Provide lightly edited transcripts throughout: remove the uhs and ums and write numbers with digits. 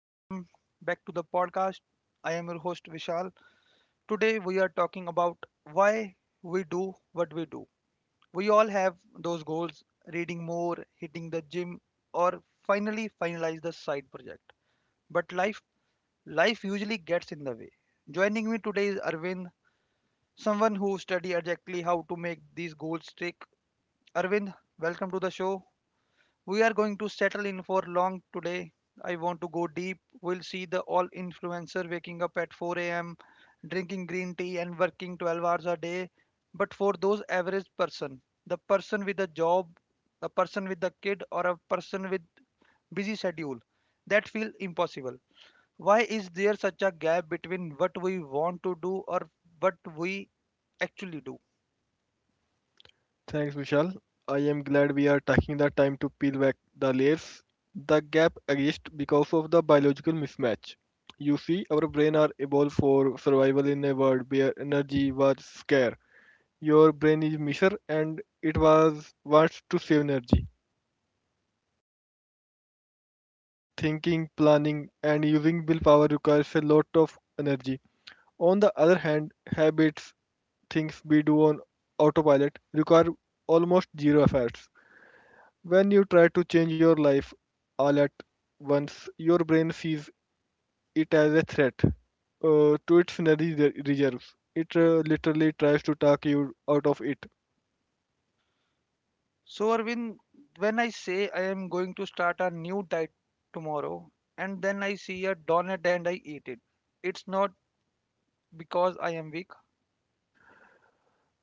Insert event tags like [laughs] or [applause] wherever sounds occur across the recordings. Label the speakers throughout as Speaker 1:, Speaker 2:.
Speaker 1: Welcome back to the podcast. I am your host Vishal. Today we are talking about why we do what we do. We all have those goals: reading more, hitting the gym, or finally finalize the side project. But life usually gets in the way. Joining me today is Arvind, someone who study exactly how to make these goals stick. Arvind, welcome to the show. We are going to settle in for long today. I want to go deep. We'll see the all influencer waking up at 4 a.m., drinking green tea, and working 12 hours a day. But for those average person, the person with a job, a person with a kid, or a person with busy schedule that feel impossible, why is there such a gap between what we want to do or what we actually do?
Speaker 2: Thanks, Vishal. I am glad we are taking the time to peel back the layers. The gap exists because of the biological mismatch. You see, our brain are evolved for survival in a world where energy was scarce. Your brain is measure and it was wants to save energy. Thinking, planning, and using willpower requires a lot of energy. On the other hand, habits, things we do on autopilot require almost zero effort. When you try to change your life all at once, your brain sees it as a threat to its energy reserves. It literally tries to talk you out of it.
Speaker 1: So, Arvind, when I say I am going to start a new diet tomorrow and then I see a donut and I eat it, it's not because I am weak,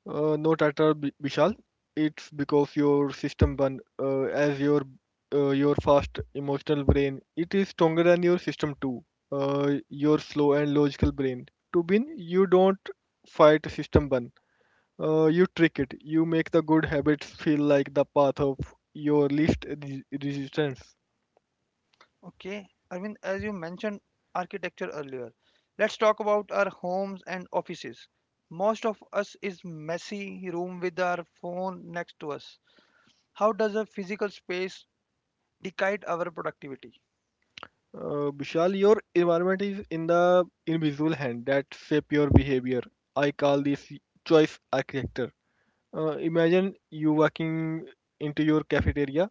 Speaker 2: Not at all, Vishal. It's because your system one, as your fast emotional brain, it is stronger than your system two, your slow and logical brain. To win, you don't fight system one. You trick it. You make the good habits feel like the path of your least resistance.
Speaker 1: okay? Arvind, as you mentioned architecture earlier, let's talk about our homes and offices. Most of us is messy room with our phone next to us. How does a physical space decide our productivity?
Speaker 2: Vishal, your environment is in the invisible hand that shape your behavior. I call this choice architecture. Imagine you walking into your cafeteria.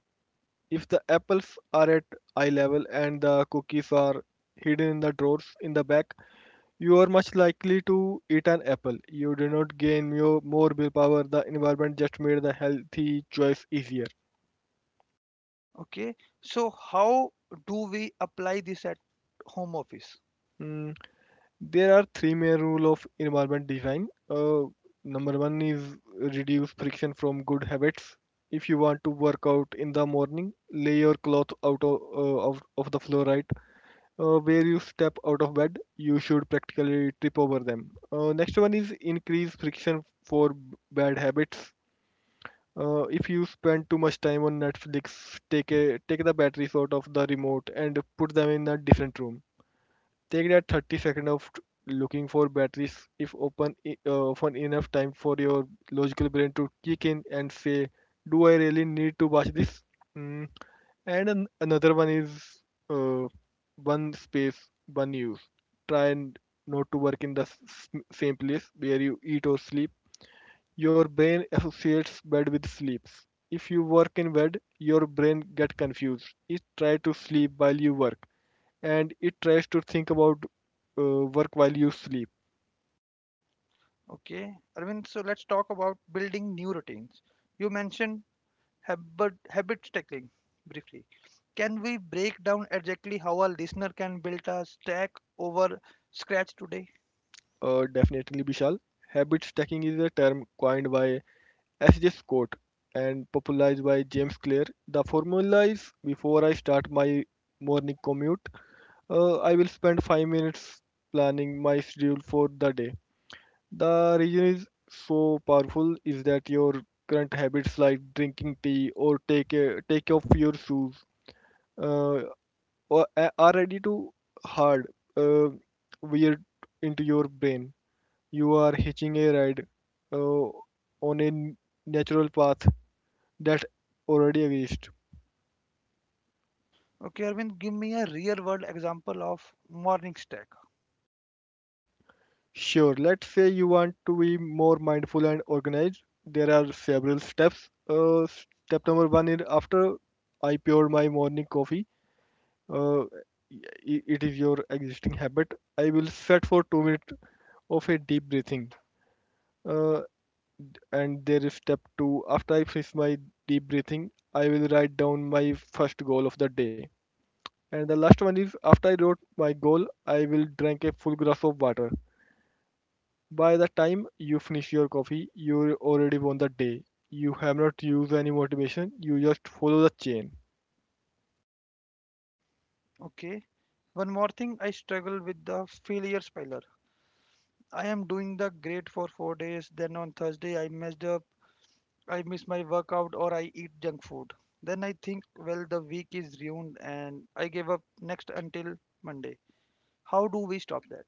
Speaker 2: If the apples are at eye level and the cookies are hidden in the drawers in the back, you are much likely to eat an apple. You do not gain more willpower. The environment just made the healthy choice easier.
Speaker 1: Okay, so how do we apply this at home office?
Speaker 2: Mm, there are three main rule of environment design. Number one is reduce friction from good habits. If you want to work out in the morning, lay your cloth out of, of the floor right where you step out of bed. You should practically trip over them. Next one is increase friction for bad habits. If you spend too much time on Netflix, take the batteries out of the remote and put them in a different room. Take that 30 second of looking for batteries if open often enough time for your logical brain to kick in and say, "Do I really need to watch this?" Mm. And another one is uh, one space, one use. Try and not to work in the same place where you eat or sleep. Your brain associates bed with sleeps. If you work in bed, your brain get confused. It tries to sleep while you work, and it tries to think about work while you sleep.
Speaker 1: Okay, Arvind, so let's talk about building new routines. You mentioned habit stacking briefly. Can we break down exactly how a listener can build a stack over scratch today?
Speaker 2: Definitely, Bishal. Habit stacking is a term coined by S.J. Scott and popularized by James Clear. The formula is: before I start my morning commute, I will spend 5 minutes planning my schedule for the day. The reason is so powerful is that your current habits like drinking tea or take off your shoes uh, are ready to hard uh, weird into your brain. You are hitching a ride uh, on a natural path that already exists.
Speaker 1: Okay, Arvind, give me a real world example of morning stack.
Speaker 2: Sure, let's say you want to be more mindful and organized. There are several steps. Step number one is after I poured my morning coffee. uh, it is your existing habit. I will set for 2 minutes of a deep breathing. Uh, and there is step two. After I finish my deep breathing, I will write down my first goal of the day. And the last one is after I wrote my goal, I will drink a full glass of water. By the time you finish your coffee, you already won the day. You have not used any motivation, you just follow the chain.
Speaker 1: Okay, one more thing I struggle with the failure spiral. I am doing the great for 4 days, then on Thursday I messed up. I miss my workout or I eat junk food. Then I think, well, the week is ruined and I give up next until Monday. How do we stop that?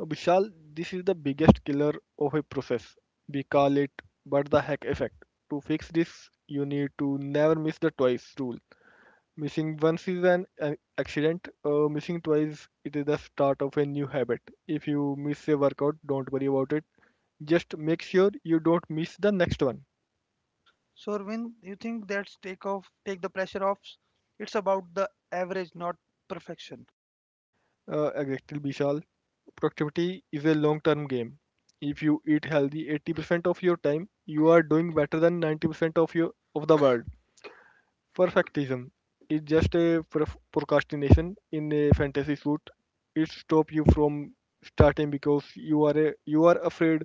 Speaker 2: Vishal, this is the biggest killer of a process. We call it but the heck" effect. To fix this, you need to never miss the twice rule. Missing once is an accident, missing twice it is the start of a new habit. If you miss a workout, don't worry about it. Just make sure you don't miss the next one.
Speaker 1: So, Arvind, you think that's take off, take the pressure off? It's about the average, not perfection.
Speaker 2: Exactly, Vishal. Productivity is a long term game. If you eat healthy 80% of your time, you are doing better than 90% of your of the world. Perfectism is just a procrastination in a fantasy suit. It stops you from starting because you are afraid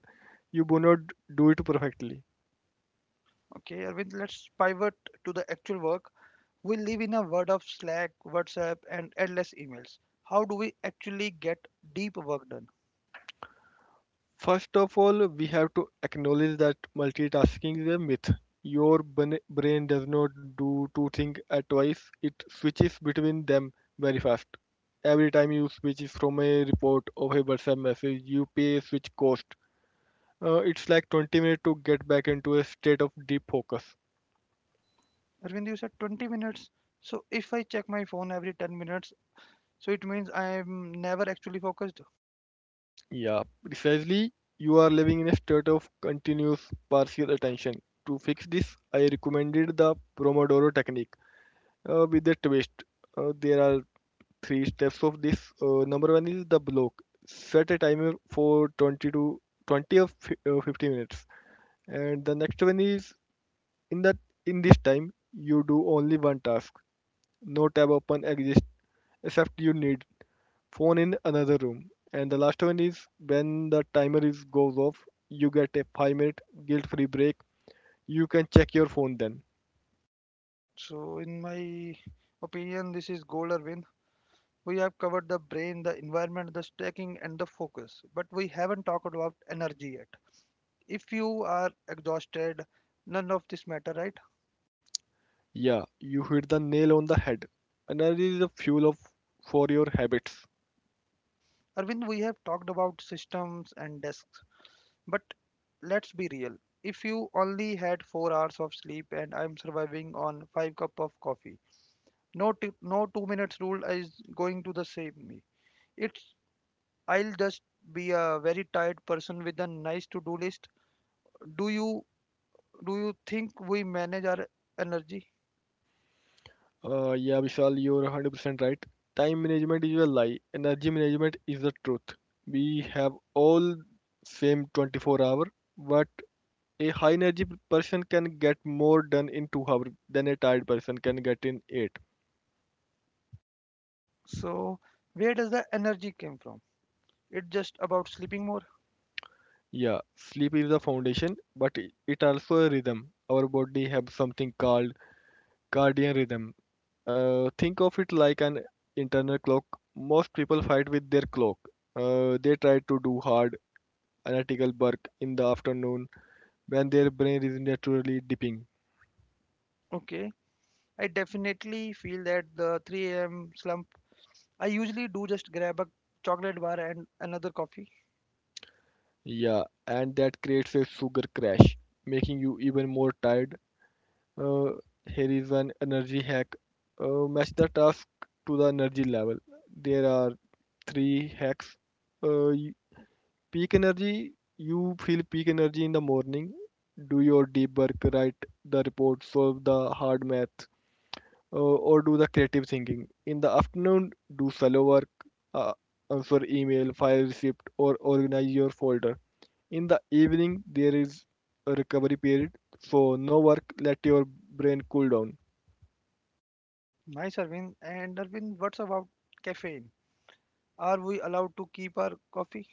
Speaker 2: you will not do it perfectly.
Speaker 1: Okay, Arvind, let's pivot to the actual work. We live in a world of Slack, WhatsApp, and endless emails. How do we actually get deep work done?
Speaker 2: First of all, we have to acknowledge that multitasking is a myth. Your brain does not do two things at twice. It switches between them very fast. Every time you switch from a report or a WhatsApp message, you pay a switch cost. It's like 20 minutes to get back into a state of deep focus.
Speaker 1: Arvind, you said 20 minutes. So if I check my phone every 10 minutes, so it means I am never actually focused.
Speaker 2: Yeah, precisely. You are living in a state of continuous partial attention. To fix this, I recommended the Pomodoro technique with a twist. There are three steps of this. Number one is the block. Set a timer for 20 or 50 minutes. And the next one is in that in this time you do only one task. No tab open exists except you need phone in another room. And the last one is when the timer is goes off, you get a 5-minute guilt-free break. You can check your phone then.
Speaker 1: So in my opinion, this is goal or win. We have covered the brain, the environment, the stacking, and the focus, but we haven't talked about energy yet. If you are exhausted, none of this matter, right?
Speaker 2: Yeah, you hit the nail on the head. Energy is the fuel of for your habits.
Speaker 1: Arvind, we have talked about systems and desks, but let's be real. If you only had 4 hours of sleep and I'm surviving on 5 cup of coffee, no 2 minutes rule is going to the save me. It's, I'll just be a very tired person with a nice to-do list. Do you do you think we manage our energy?
Speaker 2: Yeah, Vishal, you're 100% right. Time management is a lie. Energy management is the truth. We have all same 24 hour, but a high energy person can get more done in 2 hours than a tired person can get in 8.
Speaker 1: So where does the energy came from? It's just about sleeping more.
Speaker 2: Yeah, sleep is the foundation, but it also a rhythm. Our body have something called cardiac rhythm. Think of it like an internal clock. Most people fight with their clock. They try to do hard analytical work in the afternoon when their brain is naturally dipping.
Speaker 1: Okay. I definitely feel that the 3 a.m. slump. I usually do just grab a chocolate bar and another coffee.
Speaker 2: Yeah, and that creates a sugar crash, making you even more tired. Uh, Here is an energy hack. Match the task to the energy level. There are three hacks. Uh, y- Peak energy. You feel peak energy in the morning. Do your deep work, write the report, solve the hard math, or do the creative thinking. In the afternoon, do solo work, uh, answer email, file receipt, or organize your folder. In the evening, there is a recovery period. So no work, let your brain cool down.
Speaker 1: Nice, Arvind. And Arvind, what's about caffeine? Are we allowed to keep our coffee?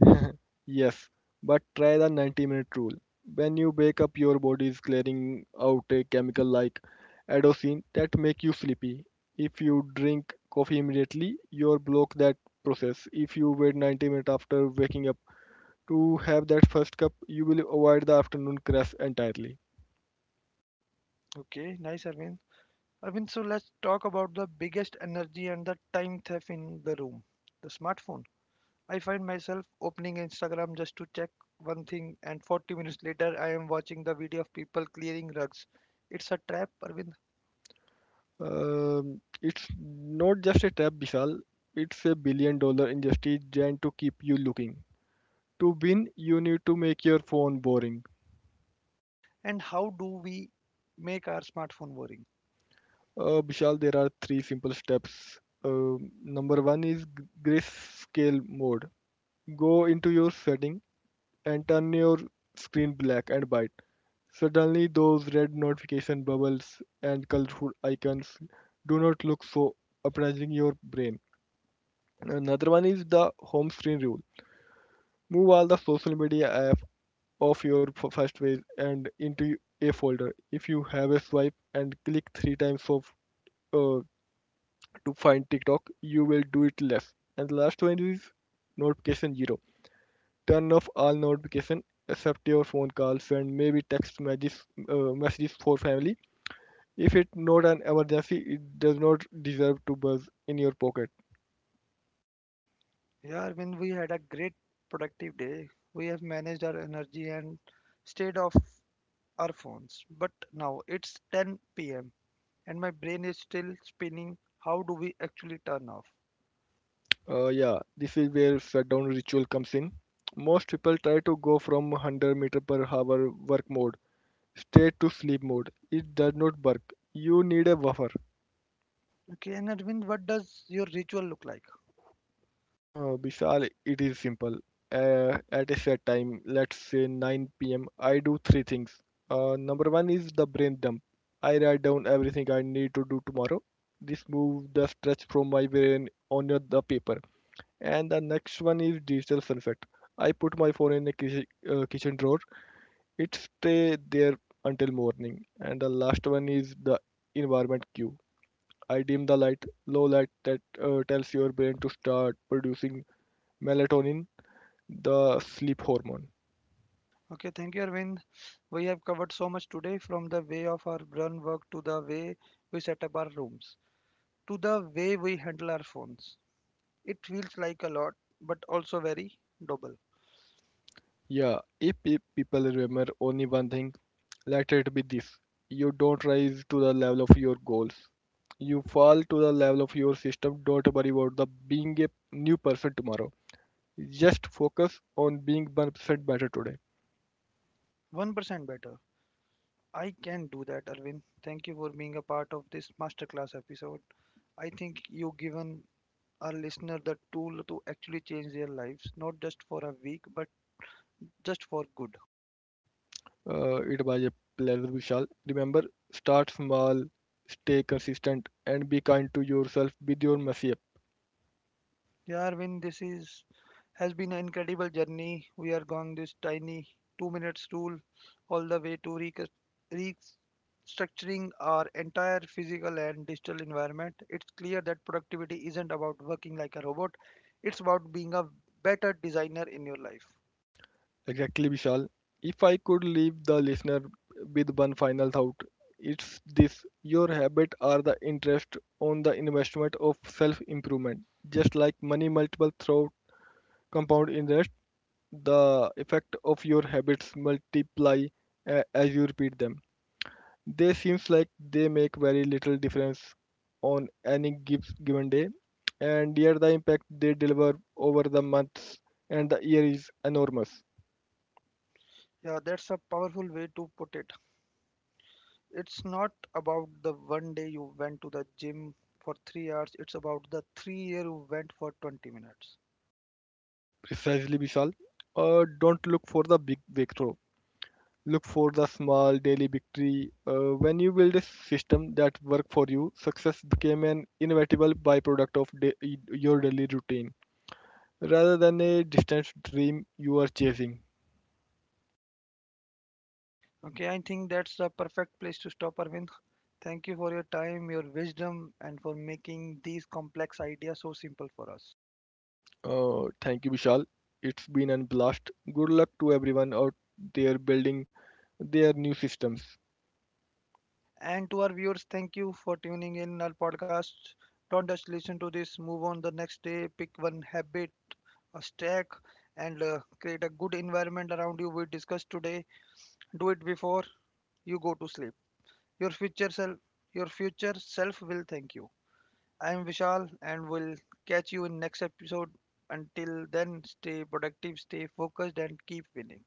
Speaker 2: [laughs] Yes, but try the 90-minute rule. When you wake up, your body is clearing out a chemical like adenosine that make you sleepy. If you drink coffee immediately, you'll block that process. If you wait 90 minutes after waking up to have that first cup, you will avoid the afternoon crash entirely.
Speaker 1: Okay, nice, Arvind. I mean, so let's talk about the biggest energy and the time theft in the room, the smartphone. I find myself opening Instagram just to check one thing, and 40 minutes later, I am watching the video of people clearing rugs. It's a trap, Arvind.
Speaker 2: It's not just a trap, Vishal. It's a billion dollar industry designed to keep you looking. To win, you need to make your phone boring.
Speaker 1: And how do we make our smartphone boring?
Speaker 2: Vishal, there are three simple steps. Number one is grayscale mode. Go into your setting and turn your screen black and white. Suddenly, those red notification bubbles and colorful icons do not look so uprising your brain. Another one is the home screen rule. Move all the social media app off your first page and into a folder. If you have a swipe and click three times of uh, to find TikTok, you will do it less. And the last one is notification zero. Turn off all notification except your phone calls and maybe messages for family. If it's not an emergency, it does not deserve to buzz in your pocket.
Speaker 1: Yeah, Arvind, we had a great productive day. We have managed our energy and stayed off our phones. But now it's 10 p.m., and my brain is still spinning. How do we actually turn off?
Speaker 2: Yeah, this is where shutdown ritual comes in. Most people try to go from 100 meter per hour work mode straight to sleep mode. It does not work. You need a buffer.
Speaker 1: Okay, and Arvind, what does your ritual look like?
Speaker 2: Oh, Vishal, it is simple. At a set time, let's say 9 p.m., I do three things. Number one is the brain dump. I write down everything I need to do tomorrow. This moves the stress from my brain onto the paper. And the next one is digital sunset. I put my phone in the kitchen drawer. It stay there until morning. And the last one is the environment cue. I dim the light, low light that tells your brain to start producing melatonin the sleep hormone.
Speaker 1: Okay, thank you, Arvind. We have covered so much today, from the way of our brain work to the way we set up our rooms to the way we handle our phones. It feels like a lot, but also very double.
Speaker 2: Yeah, if people remember only one thing, let it be this. You don't rise to the level of your goals. You fall to the level of your system. Don't worry about the being a new person tomorrow. Just focus on being 1% better today.
Speaker 1: 1% better. I can do that, Arvind. Thank you for being a part of this masterclass episode. I think you've given our listener the tool to actually change their lives, not just for a week, but just for good.
Speaker 2: It was a pleasure, Vishal. Remember, start small, stay consistent, and be kind to yourself with your messy.
Speaker 1: Yeah, Arvind, this is has been an incredible journey. We are going this tiny 2 minutes rule all the way to restructuring our entire physical and digital environment. It's clear that productivity isn't about working like a robot. It's about being a better designer in your life.
Speaker 2: Exactly, Vishal. If I could leave the listener with one final thought, it's this your habit are the interest on the investment of self improvement. Just like money multiple through compound interest, the effect of your habits multiply as you repeat them. They seems like they make very little difference on any given day, and yet the impact they deliver over the months and the year is enormous.
Speaker 1: Yeah, that's a powerful way to put it. It's not about the one day you went to the gym for 3 hours. It's about the 3 year you went for 20 minutes.
Speaker 2: Precisely, Vishal. Don't look for the big breakthrough. Look for the small daily victory. When you build a system that works for you, success became an inevitable byproduct of your daily routine rather than a distant dream you are chasing.
Speaker 1: Okay, I think that's the perfect place to stop, Arvind. Thank you for your time, your wisdom, and for making these complex ideas so simple for us.
Speaker 2: Thank you, Vishal. It's been a blast. Good luck to everyone out there building their new systems.
Speaker 1: And to our viewers, thank you for tuning in our podcast. Don't just listen to this, move on the next day, pick one habit, a stack, and create a good environment around you. We discussed today. Do it before you go to sleep. Your your future self will thank you. I'm Vishal, and we'll catch you in next episode. Until then, stay productive, stay focused, and keep winning.